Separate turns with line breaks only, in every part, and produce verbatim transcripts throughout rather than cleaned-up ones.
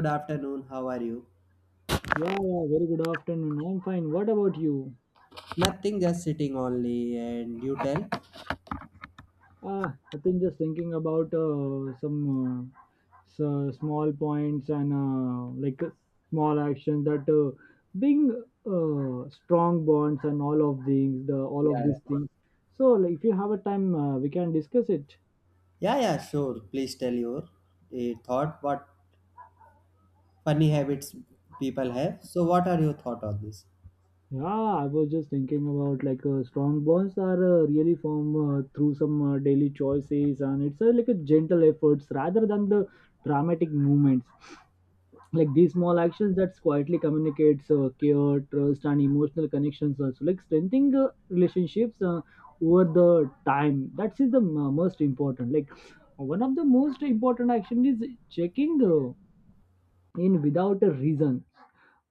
Good afternoon. How are you?
Yeah, yeah, very good afternoon. I'm fine. What about you?
Nothing, just sitting only. And you tell?
Ah, I think just thinking about uh, some uh, s- small points and uh, like uh, small actions that uh, being uh, strong bonds and all of these, the
Yeah,
all of
yeah,
these things. So, like, if you have a time, uh, we can discuss it.
yeah, yeah, sure. Please tell your eh, thought. What funny habits people have. So, what are your thought on this?
Yeah, I was just thinking about like uh, strong bonds are uh, really formed uh, through some uh, daily choices, and it's uh, like a gentle efforts rather than the dramatic movements, like these small actions that quietly communicates uh, care, trust and emotional connections, also like strengthening uh, relationships uh, over the time. That is the m- most important, like one of the most important action is checking uh, in without a reason,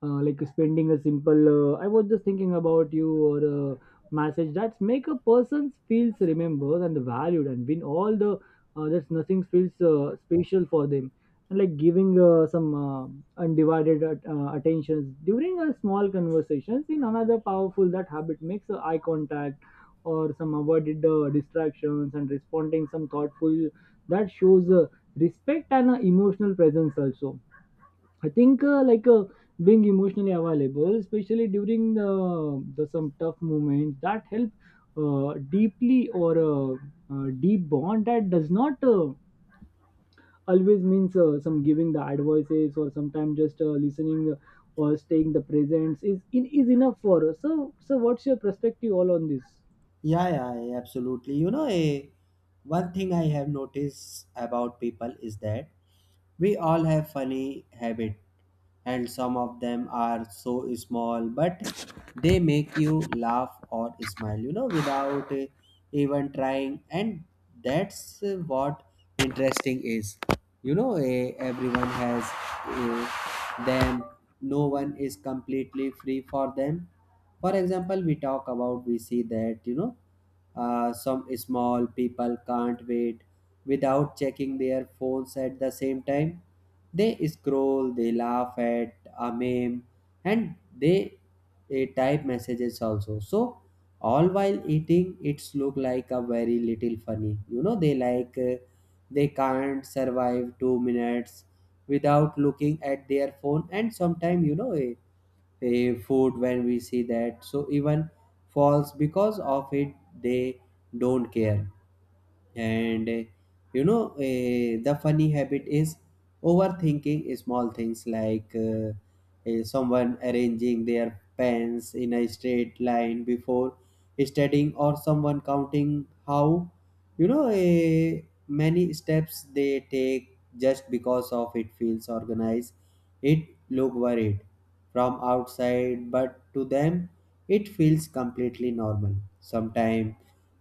uh, like spending a simple uh, I was just thinking about you, or a message that's make a person feels remembered and valued, and win all the uh, that's nothing feels uh, special for them. And like giving uh, some uh, undivided at, uh, attention during a small conversations in another powerful that habit, makes uh, eye contact or some avoided uh, distractions and responding some thoughtful that shows uh, respect and uh, emotional presence also. I think uh, like uh, being emotionally available, especially during the, the some tough moments, that help uh, deeply or uh, uh, deep bond, that does not uh, always means uh, some giving the advices, or sometimes just uh, listening uh, or staying the presence is in is enough for us. So so what's your perspective all on this?
Yeah, yeah, yeah, absolutely. You know, eh, one thing I have noticed about people is that we all have funny habit, and some of them are so small but they make you laugh or smile, you know, without eh, even trying. And that's eh, what interesting is, you know, eh, everyone has eh, them. No one is completely free for them. For example, we talk about we see that, you know, uh, some small people can't wait without checking their phones. At the same time, they scroll, they laugh at a meme, and they eh, type messages also, so all while eating. It's look like a very little funny, you know. They like uh, they can't survive two minutes without looking at their phone. And sometimes, you know, eh, eh, food, when we see that, so even falls because of it, they don't care. And eh, you know, eh, the funny habit is overthinking small things, like uh, eh, someone arranging their pens in a straight line before studying, or someone counting how, you know eh, many steps they take just because of it feels organized. It look worried from outside, but to them it feels completely normal. Sometimes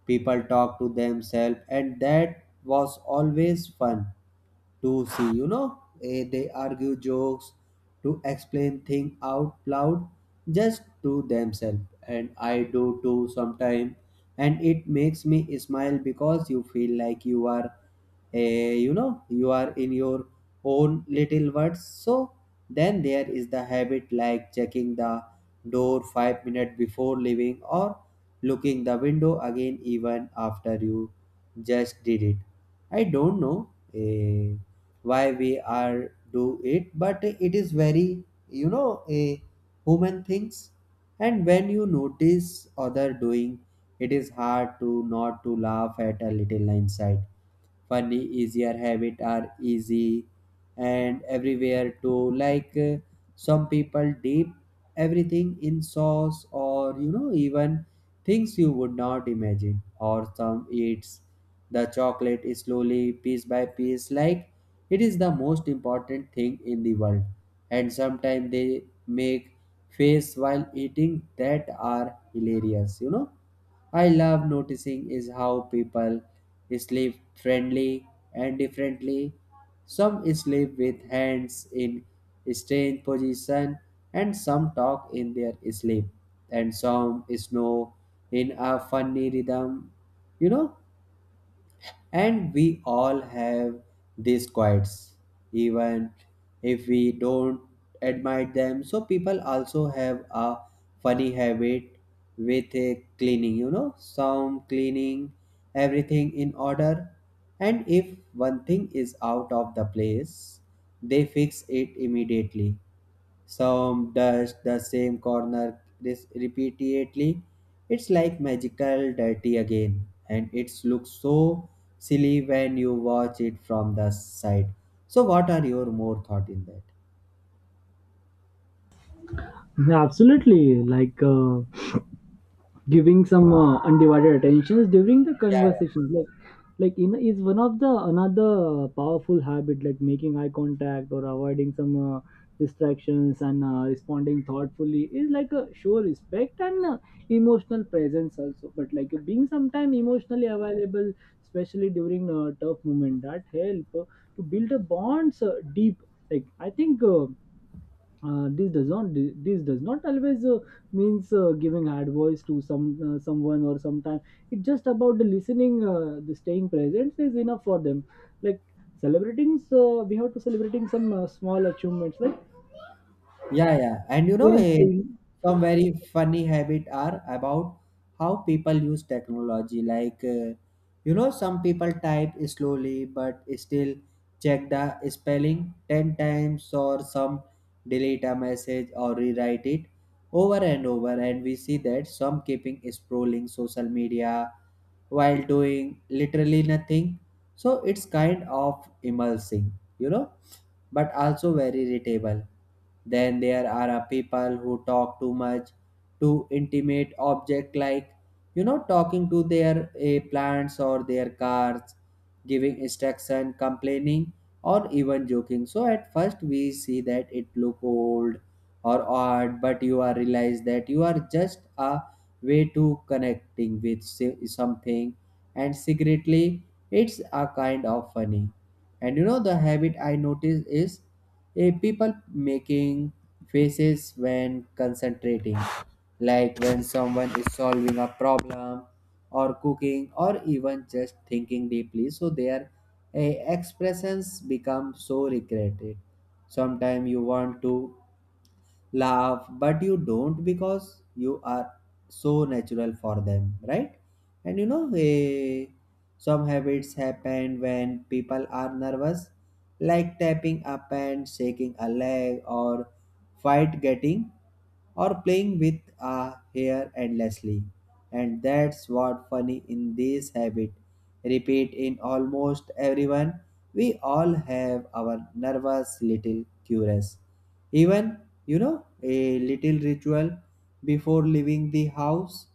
people talk to themselves, and that was always fun to see. You know, Eh, they argue jokes to explain things out loud just to themselves, and I do too sometimes. And it makes me smile because you feel like you are, eh, you know, you are in your own little words. So then there is the habit like checking the door five minutes before leaving, or looking the window again even after you just did it. I don't know eh, why we are do it, but it is very, you know, a human things. And when you notice other doing, it is hard to not to laugh at a little inside. Funny, easier habit are easy, and everywhere too. Like eh, some people dip everything in sauce, or you know, even things you would not imagine. Or some eats the chocolate slowly, piece by piece, like it is the most important thing in the world, and sometimes they make face while eating that are hilarious, you know. I love noticing is how people sleep friendly and differently. Some sleep with hands in strange position, and some talk in their sleep, and some snow in a funny rhythm. You know, and we all have these quirks, even if we don't admire them. So people also have a funny habit with a cleaning, you know, some cleaning everything in order. And if one thing is out of the place, they fix it immediately. Some does the same corner this repeatedly. It's like magical dirty again, and it looks so silly when you watch it from the side. So, what are your more thought in that?
Absolutely, like. Uh, giving some uh, undivided attentions during the
Yeah.
conversations, like like in is one of the another powerful habit, like making eye contact or avoiding some uh, distractions and uh, responding thoughtfully is like a show respect and uh, emotional presence also, but like being sometime emotionally available, especially during a tough moment that help uh, to build a bonds uh, deep. Like I think uh, uh, this does not this does not always uh, means uh, giving advice to some uh, someone, or sometime it's just about the listening uh, the staying present is enough for them, like celebrating, so we have to celebrating some uh, small achievements like
Yeah, yeah. And you know,
friends.
a, some very funny habit are about how people use technology. Like, uh, you know, some people type slowly but still check the spelling ten times, or some delete a message or rewrite it over and over. And we see that some keeping scrolling social media while doing literally nothing. So it's kind of immersing, you know, but also very irritable. Then there are uh, people who talk too much to intimate object, like, you know, talking to their uh, plants or their cars, giving instruction, complaining, or even joking. So at first we see that it look old or odd, but you are realize that you are just a way to connecting with si- something, and secretly it's a kind of funny. And you know the habit I notice is a people making faces when concentrating, like when someone is solving a problem or cooking or even just thinking deeply. So their eh, expressions become so regretted. Sometimes you want to laugh but you don't because you are so natural for them, right? And you know, eh, some habits happen when people are nervous, like tapping up and shaking a leg, or fight getting, or playing with a hair endlessly. And that's what funny in this habit, repeat in almost everyone. We all have our nervous little curious. Even, you know, a little ritual before leaving the house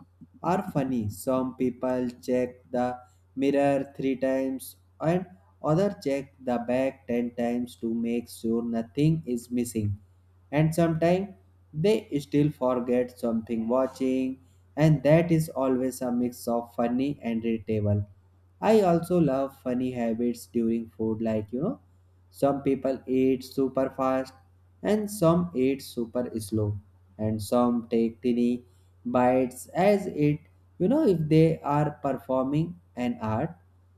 are funny. Some people check the mirror three times, and other check the bag ten times to make sure nothing is missing. And sometimes they still forget something watching, and that is always a mix of funny and relatable. I also love funny habits during food, like, you know, some people eat super fast, and some eat super slow, and some take tiny bites as it, you know, if they are performing an art.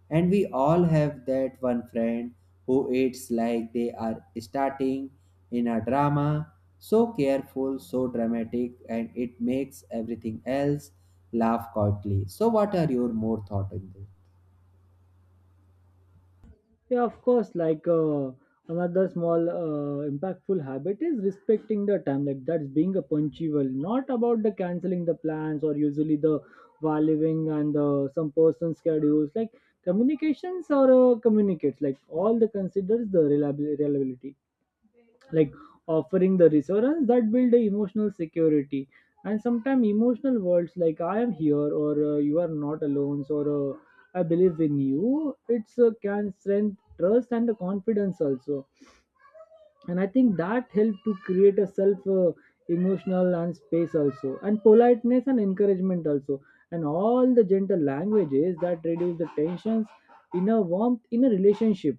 And we all have that one friend who eats like they are starting in a drama, so careful, so dramatic, and it makes everything else laugh quietly. So what are your more thoughts on this?
Yeah, of course. Like uh, another small uh, impactful habit is respecting the time. Like that's being a punctual, not about the canceling the plans or usually the while living and the, some person schedules. Like communications or uh, communicates. Like all the considers the reliabil- reliability, like offering the reassurance that build a emotional security. And sometimes emotional words like I am here, or uh, you are not alone, or uh, I believe in you, it's uh, can strengthen trust and the confidence also. And I think that help to create a self uh, emotional and space also, and politeness and encouragement also, and all the gentle languages that reduce the tensions in a warmth in a relationship.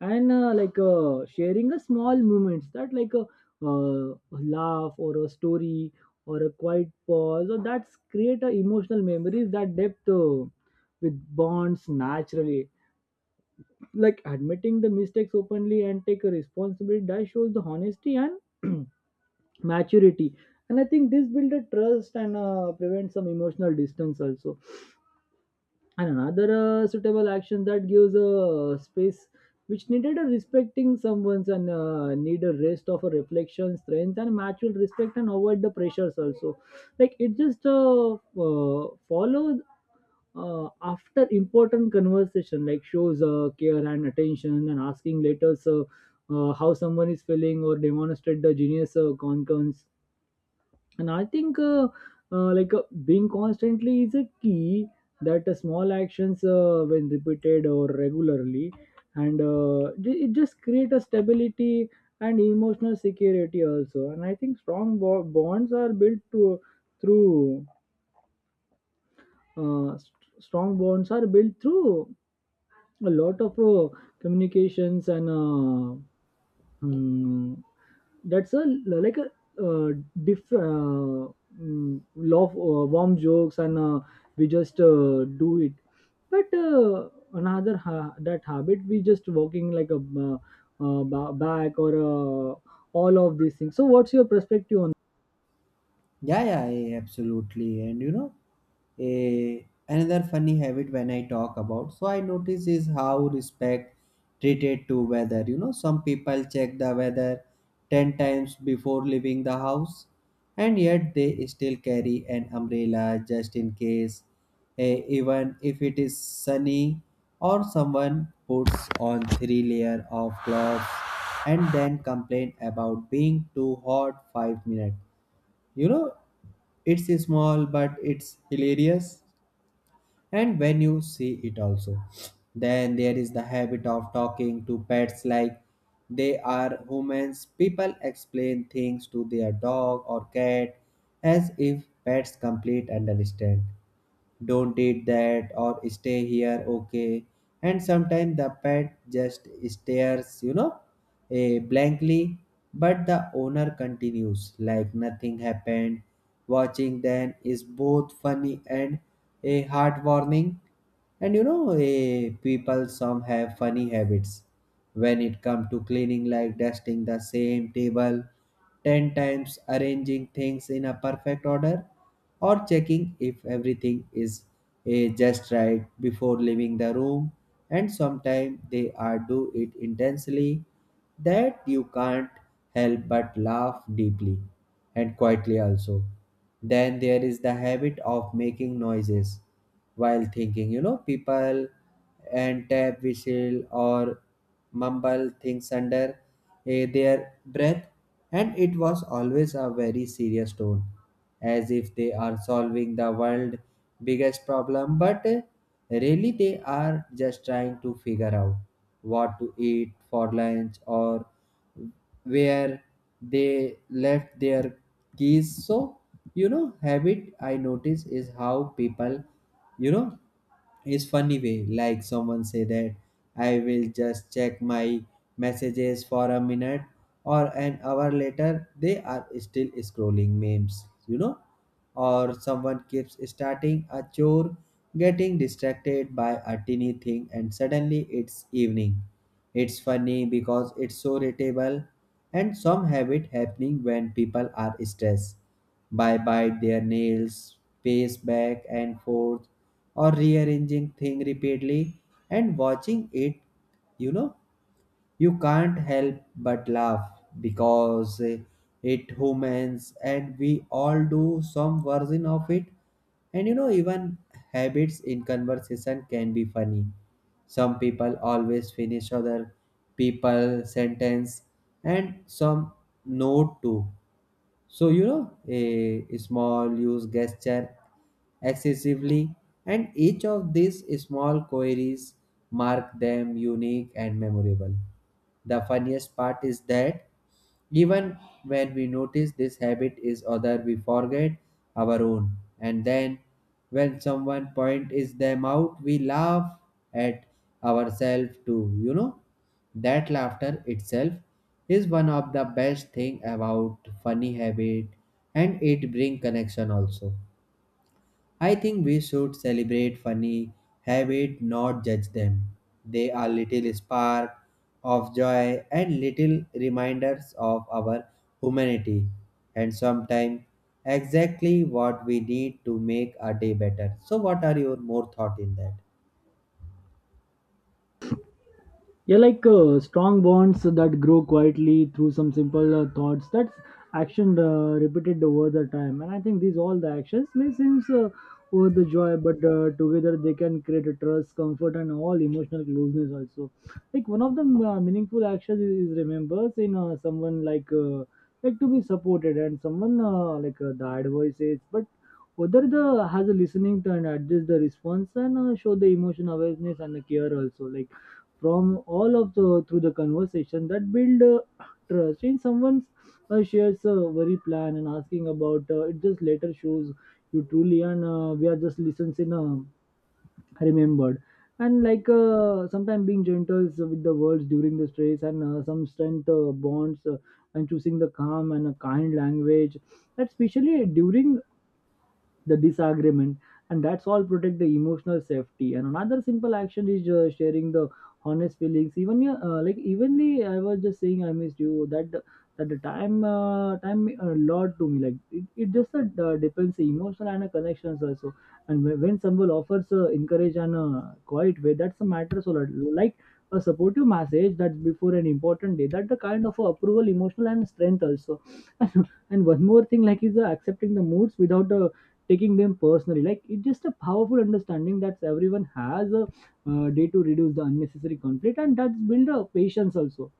And uh, like uh, sharing a small moments that like a, uh, laugh, or a story, or a quiet pause, or that's create a emotional memories that depth uh, with bonds naturally. Like admitting the mistakes openly and take a responsibility that shows the honesty and maturity. And I think this build a trust and uh, prevent some emotional distance also. And another uh, suitable action that gives a space, which needed a respecting someone's and uh, need a rest of a reflection strength and mutual respect and avoid the pressures also. Like it just uh, uh, followed uh, after important conversation, like shows uh, care and attention and asking later, so uh, how someone is feeling or demonstrate the genius uh, concurrence. And I think uh, uh, like uh, being constantly is a key, that uh, small actions uh, when repeated or regularly, and uh, ju- it just create a stability and emotional security also. And I think strong bo- bonds are built to, through uh, st- strong bonds are built through a lot of uh, communications and uh, mm, that's a like a uh, diff uh, mm, love uh, warm jokes, and uh, we just uh, do it. But uh, another ha- that habit, we just walking like a uh, uh, ba- back, or uh, all of these things. So what's your perspective on
Yeah, yeah, yeah, absolutely. And you know, a another funny habit when I talk about, so I notice is how respect treated to weather. You know, some people check the weather ten times before leaving the house, and yet they still carry an umbrella just in case, eh, even if it is sunny. Or someone puts on three layer of clothes and then complain about being too hot five minutes, you know. It's small but it's hilarious, and when you see it also. Then there is the habit of talking to pets like they are humans. People explain things to their dog or cat as if pets complete understand. Don't eat that, or stay here, okay. And sometimes the pet just stares, you know, eh, blankly, but the owner continues like nothing happened. Watching them is both funny and a heartwarming. And you know, eh, people some have funny habits when it comes to cleaning, like dusting the same table ten times, arranging things in a perfect order, or checking if everything is eh, just right before leaving the room. And sometimes they are do it intensely that you can't help but laugh deeply and quietly also. Then there is the habit of making noises while thinking, you know, people and tap whistle, or mumble things under eh, their breath, and it was always a very serious tone, as if they are solving the world's biggest problem, but eh, really they are just trying to figure out what to eat for lunch, or where they left their keys. So, you know, habit I notice is how people, you know, is funny way. Like someone say that I will just check my messages for a minute, or an hour later they are still scrolling memes, you know. Or someone keeps starting a chore, getting distracted by a teeny thing, and suddenly it's evening. It's funny because it's so relatable. And some have it happening when people are stressed. By bite their nails, pace back and forth, or rearranging thing repeatedly, and watching it, you know, you can't help but laugh because eh, it humans, and we all do some version of it. And you know, even habits in conversation can be funny. Some people always finish other people sentence, and some note too. So, you know, a small use gesture excessively, and each of these small queries mark them unique and memorable. The funniest part is that even when we notice this habit is other, we forget our own, and then when someone points them out, we laugh at ourselves too. You know, that laughter itself is one of the best thing about funny habit, and it bring connection also. I think we should celebrate funny habit, not judge them. They are little spark of joy and little reminders of our humanity, and sometimes exactly what we need to make a day better. So what are your more thought in that?
yeah, like uh, strong bonds that grow quietly through some simple uh, thoughts that's action uh, repeated over the time. And I think these all the actions may seem uh, over the joy, but uh, together they can create a trust, comfort and all emotional closeness also. Like one of the uh, meaningful actions is, is remembers in uh, someone, like uh, like to be supported and someone uh, like uh, the advices, but other the has a listening to and adjust the response and uh, show the emotion awareness and the care also. Like from all of the through the conversation that build uh, trust in someone's, uh, shares a very plan and asking about uh, it just later shows you truly, and uh, we are just listens in uh, remembered. And like uh, sometimes being gentle is with the words during the stress and uh, some strength uh, bonds uh, and choosing the calm and a kind language, especially during the disagreement, and that's all protect the emotional safety. And another simple action is uh, sharing the honest feelings, even yeah, uh, like evenly I was just saying I missed you, that that the time uh, time a lot to me, like it, it just uh, d- depends the emotional and uh, connections also. And when, when someone offers uh, encourage and uh, quiet way, that's a matter so lot. Like a supportive message that's before an important day, that the kind of uh, approval emotional and strength also. And one more thing like is uh, accepting the moods without uh, taking them personally, like it's just a powerful understanding that everyone has a uh, day to reduce the unnecessary conflict, and that's build a patience also.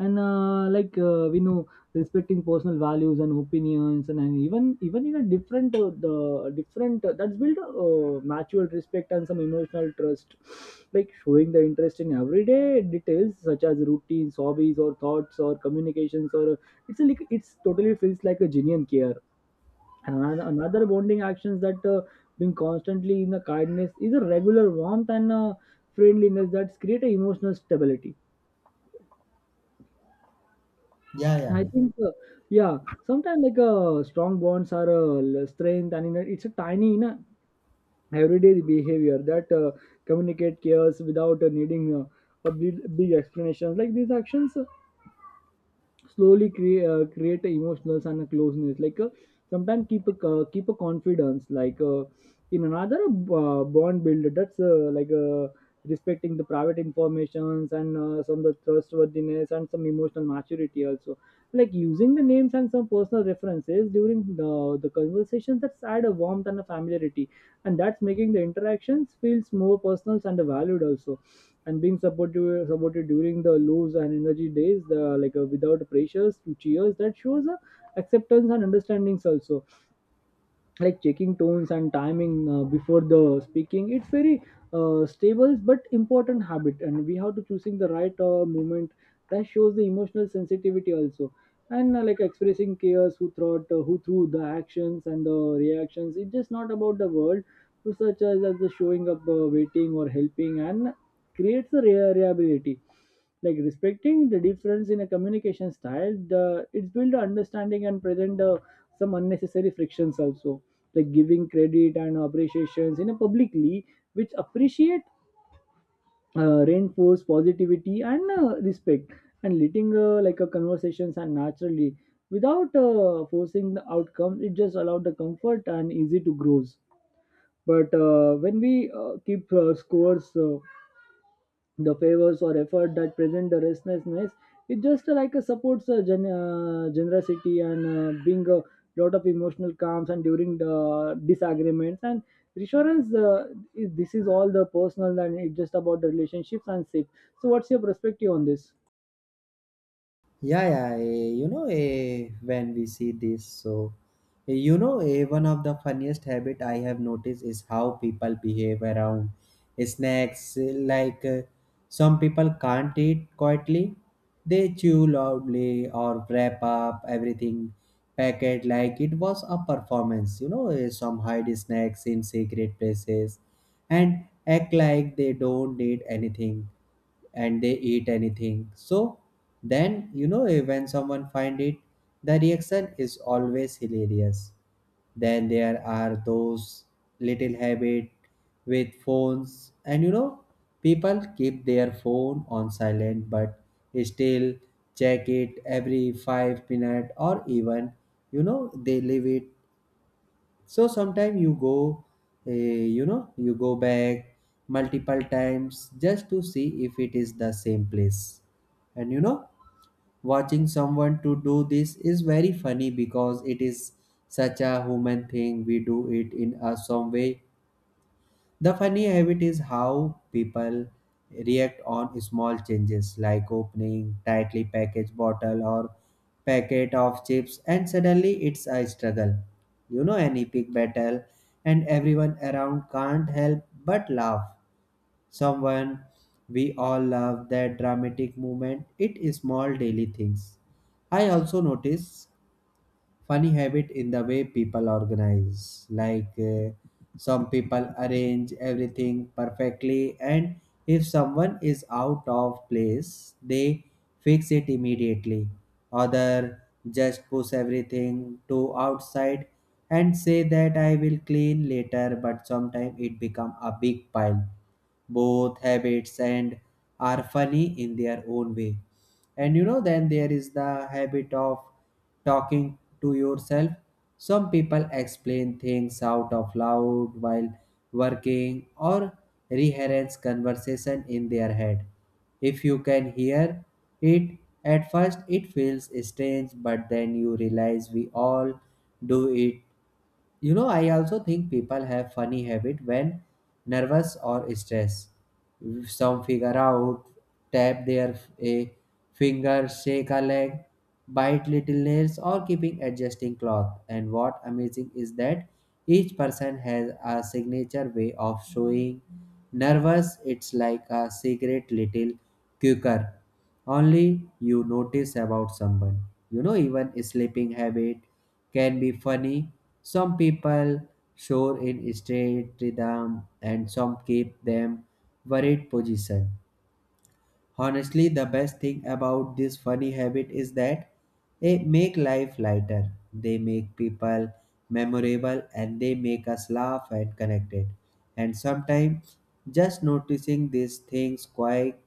And uh, like uh, we know respecting personal values and opinions and, and even even in a different uh, the different uh, that's build uh, mutual respect and some emotional trust. Like showing the interest in everyday details such as routines, hobbies or thoughts or communications, or uh, it's a, like it's totally feels like a genuine care. And another bonding actions, that uh, being constantly in the kindness is a regular warmth and uh, friendliness that create a emotional stability.
Yeah,
And
yeah.
I think, uh, yeah, sometimes like uh, strong bonds are uh, l- strength, and you know, it's a tiny, you know, everyday behavior that uh, communicate cares without uh, needing uh, a big, big explanations. Like these actions slowly create uh, create a emotional and a closeness, like uh, sometimes keep a uh, keep a confidence, like uh, in another uh, bond builder that's uh, like uh, respecting the private informations and uh, some of the trustworthiness and some emotional maturity also. Like using the names and some personal references during the, the conversations, that's add a warmth and a familiarity, and that's making the interactions feels more personal and valued also. And being supportive supported during the lows and energy days the, like uh, without pressures to cheers, that shows uh, acceptance and understandings also. Like checking tones and timing uh, before the speaking, it's very uh, stable but important habit, and we have to choosing the right uh, moment, that shows the emotional sensitivity also. And uh, like expressing cares who thought uh, who through the actions and the reactions, it's just not about the world, so such as, as the showing up uh, waiting or helping, and creates a rea- reliability. Like respecting the difference in a communication style the, it's build understanding and present uh, some unnecessary frictions also. Like giving credit and appreciations in a publicly, which appreciate, uh, reinforce positivity and uh, respect. And letting uh, like a conversations and naturally without uh, forcing the outcome, it just allowed the comfort and easy to grows. But uh, when we uh, keep uh, scores uh, the favors or effort, that present the restlessness. It just uh, like uh, supports uh, gen- uh, generosity and uh, being a lot of emotional calms and during the disagreements and reassurance, uh, is, this is all the personal, and it's just about the relationships and safe. So what's your perspective on this?
Yeah, yeah, eh, you know, eh, when we see this, so eh, you know, eh, one of the funniest habit I have noticed is how people behave around eh, snacks. eh, Like eh, some people can't eat quietly; they chew loudly, or wrap up everything packet like it was a performance. You know, eh, some hide snacks in secret places and act like they don't need anything and they eat anything. So then, you know, eh, when someone find it, the reaction is always hilarious. Then there are those little habit with phones, and you know people keep their phone on silent but still check it every five minutes or even, you know they leave it. So sometime you go uh, you know you go back multiple times just to see if it is the same place. And you know watching someone to do this is very funny because it is such a human thing. We do it in a some way. The funny habit is how people react on small changes, like opening tightly packaged bottle or packet of chips, and suddenly it's a struggle. You know, an epic battle, and everyone around can't help but laugh. Someone, we all love that dramatic moment. It is small daily things. I also notice funny habit in the way people organize. Like uh, some people arrange everything perfectly, and if someone is out of place, they fix it immediately. Other just push everything to outside and say that I will clean later, but sometimes it become a big pile. Both habits and are funny in their own way. And you know then there is the habit of talking to yourself. Some people explain things out of loud while working, or rehearse conversation in their head. If you can hear it, at first it feels strange, but then you realize we all do it you know, I also think people have funny habit when nervous or stressed. Some figure out, tap their a finger, shake a leg, bite little nails, or keeping adjusting cloth. And what amazing is that each person has a signature way of showing nervous. It's like a secret little quirk only you notice about someone. You know, even a sleeping habit can be funny. Some people show in straight rhythm, and some keep them worried position. Honestly, the best thing about this funny habit is that they make life lighter, they make people memorable, and they make us laugh and connected. And sometimes just noticing these things quite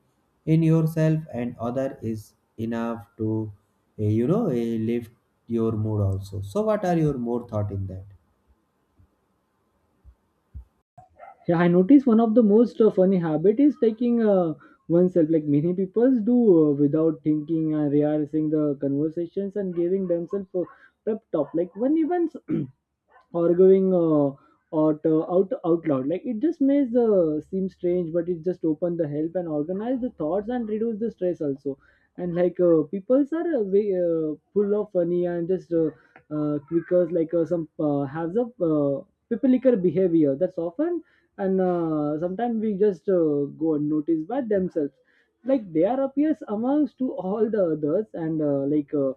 in yourself and other is enough to, eh, you know, eh, lift your mood also. So, what are your more thought in that?
Yeah, I noticed one of the most uh, funny habit is taking uh, oneself, like many people do uh, without thinking and realizing the conversations and giving themselves a pep talk, like when even arguing uh, out, uh, out out loud, like it just makes the seem strange, but it just open the help and organize the thoughts and reduce the stress also. And like uh, peoples are uh, way, uh, full of funny and just uh, uh, quickers Like uh, some uh, has a uh, pipilical behavior that's often. And uh, sometimes we just uh, go unnoticed by themselves, like they are appears amongst to all the others. And uh, like uh,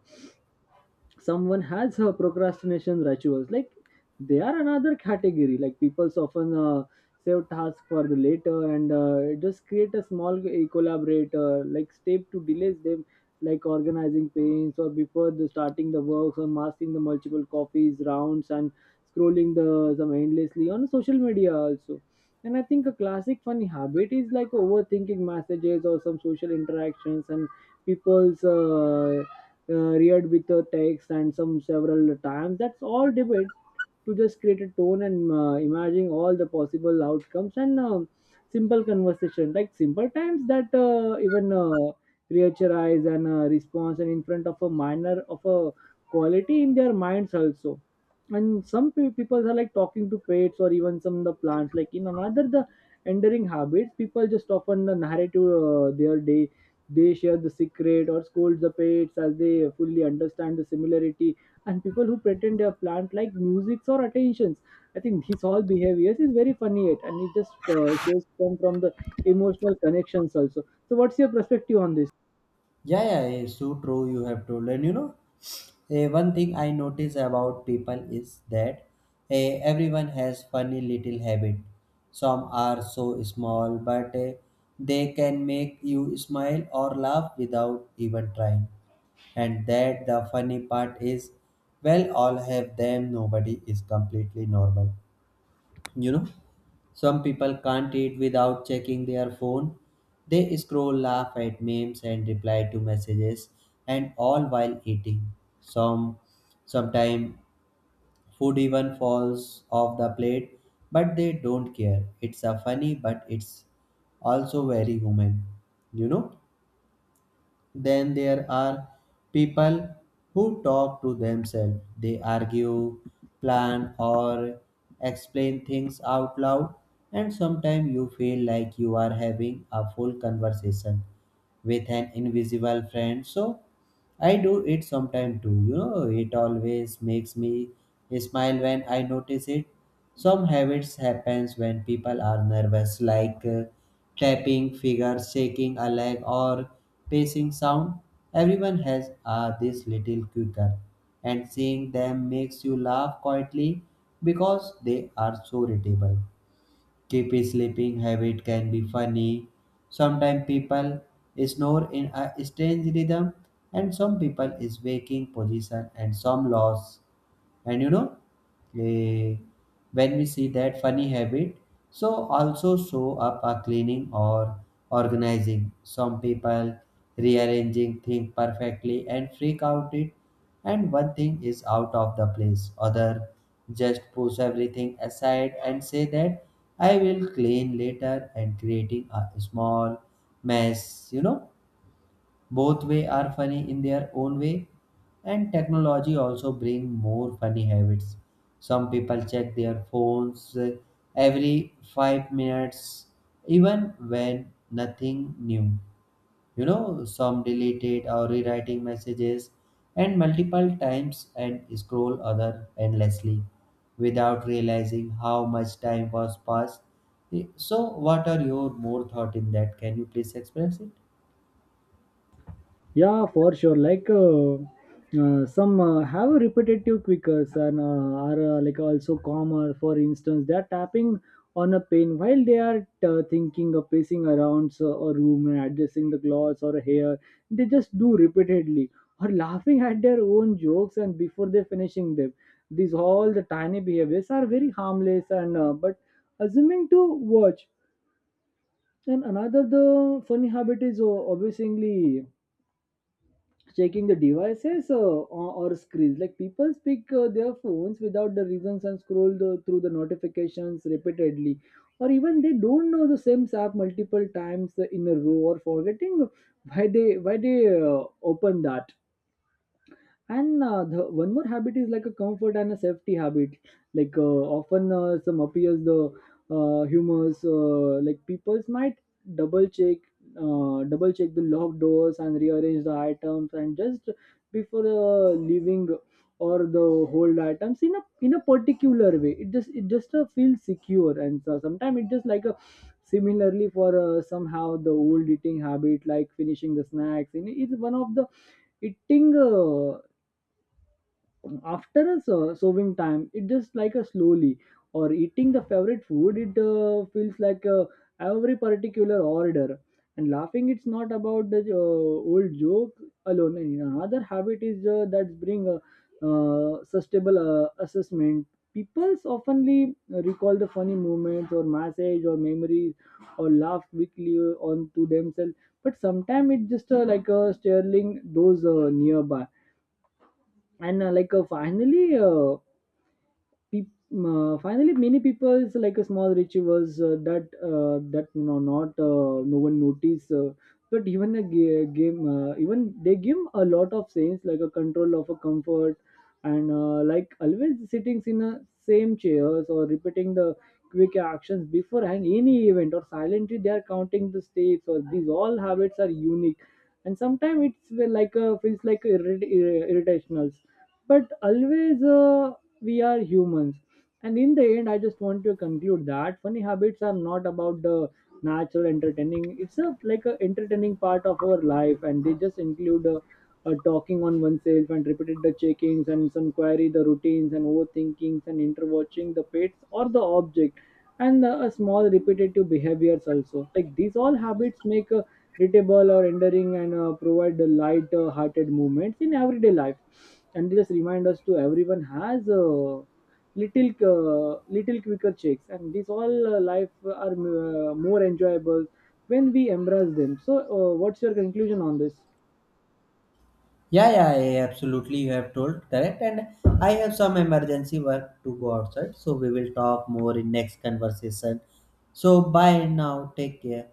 someone has her procrastination rituals, like they are another category. Like people often uh, save tasks for the later, and uh, just create a small uh, collaborator like step to delays them, like organizing paints or before the starting the works or masking the multiple copies rounds and scrolling the some endlessly on social media also. And I think a classic funny habit is like overthinking messages or some social interactions. And people's uh, uh, reared with a text and some several times, that's all debate to just create a tone and uh, imagining all the possible outcomes. And um, simple conversation like simple times that uh, even uh, reacherize and uh, response and in front of a minor of a quality in their minds also. And some pe- people are like talking to pets or even some of the plants, like in another the enduring habits, people just often uh, narrate to uh, their day. They share the secret or scold the pets as they fully understand the similarity. And people who pretend they are plant like musics or attentions. I think his all behaviors is very funny yet, and it just uh, shows come from the emotional connections also. So, what's your perspective on this?
Yeah, yeah, it's so true. You have told, and you know. Eh, one thing I notice about people is that eh, everyone has funny little habit. Some are so small, but eh, they can make you smile or laugh without even trying. And that the funny part is, well, all have them. Nobody is completely normal. You know. Some people can't eat without checking their phone. They scroll, laugh at memes, and reply to messages, and all while eating. Some sometimes food even falls off the plate, but they don't care. It's a funny, but it's also very human. You know? Then there are people who talk to themselves. They argue, plan, or explain things out loud, and sometimes you feel like you are having a full conversation with an invisible friend. So, I do it sometime too, you know, it always makes me smile when I notice it. Some habits happens when people are nervous, like uh, tapping fingers, shaking a leg or pacing sound. Everyone has uh, this little quicker, and seeing them makes you laugh quietly because they are so irritable. Keep sleeping habit can be funny. Sometimes people snore in a strange rhythm, and some people is waking position and some loss. And you know eh, when we see that funny habit, so also show up a cleaning or organizing. Some people rearranging things perfectly and freak out it, and one thing is out of the place. Other just push everything aside and say that I will clean later, and creating a small mess you know Both way are funny in their own way, and technology also bring more funny habits. Some people check their phones uh, every five minutes, even when nothing new you know some deleted or rewriting messages, and multiple times, and scroll other endlessly without realizing how much time was passed. So, what are your more thought in that? Can you please express it?
Yeah, for sure. Like uh, uh, some uh, have repetitive quickers and uh, are uh, like also calmer. For instance, they are tapping on a pen while they are uh, thinking of pacing around so, a room, and adjusting the clothes or hair. They just do repeatedly, or laughing at their own jokes and before they finishing them. These all the tiny behaviors are very harmless and uh, but assuming to watch. And another the funny habit is uh, obviously checking the devices uh, or, or screens. Like people speak uh, their phones without the reasons and scroll the, through the notifications repeatedly, or even they don't know the same app multiple times in a row, or forgetting why they why they uh, open that. And uh, the, one more habit is like a comfort and a safety habit. Like uh, often uh, some appears the uh, humors, uh, like people might double check uh, double check the locked doors and rearrange the items, and just before uh, leaving, or the hold items in a in a particular way. It just it just uh, feels secure. And so sometimes it just like a similarly for uh, somehow the old eating habit, like finishing the snacks, and it's one of the eating uh, after a ser- serving time, it just like a slowly, or eating the favorite food, it uh, feels like uh, every particular order. And laughing, it's not about the uh, old joke alone. And another habit is uh, that bring a uh, sustainable uh, assessment. People oftenly recall the funny moments or message or memories, or laugh quickly on to themselves. But sometimes it's just uh, like a staring those uh, nearby. And uh, like uh, finally uh, peop- uh, finally many people's like a small rituals uh, that uh, that no not uh, no one notice, uh, but even a ga- game, uh, even they give a lot of sense, like a control of a comfort. And uh, like always sitting in a same chairs, or repeating the quick actions before and any event, or silently they are counting the steps, or these all habits are unique. And sometimes it's uh, like a, feels like irrit- irritational, but always uh, we are humans. And in the end, I just want to conclude that funny habits are not about the natural entertaining, it's a like a entertaining part of our life, and they just include uh uh talking on oneself and repeated the checkings and some query the routines and overthinkings and interwatching the pets or the object. And uh, a small repetitive behaviors also, like these all habits make a irritable or endearing, and uh, provide the light uh, hearted movements in everyday life. And they just remind us to everyone has uh, little uh, little quicker checks, and these all uh, life are uh, more enjoyable when we embrace them. So uh, what's your conclusion on this?
Yeah, yeah, yeah, absolutely. You have told correct, and I have some emergency work to go outside, so we will talk more in next conversation. So bye now. Take care.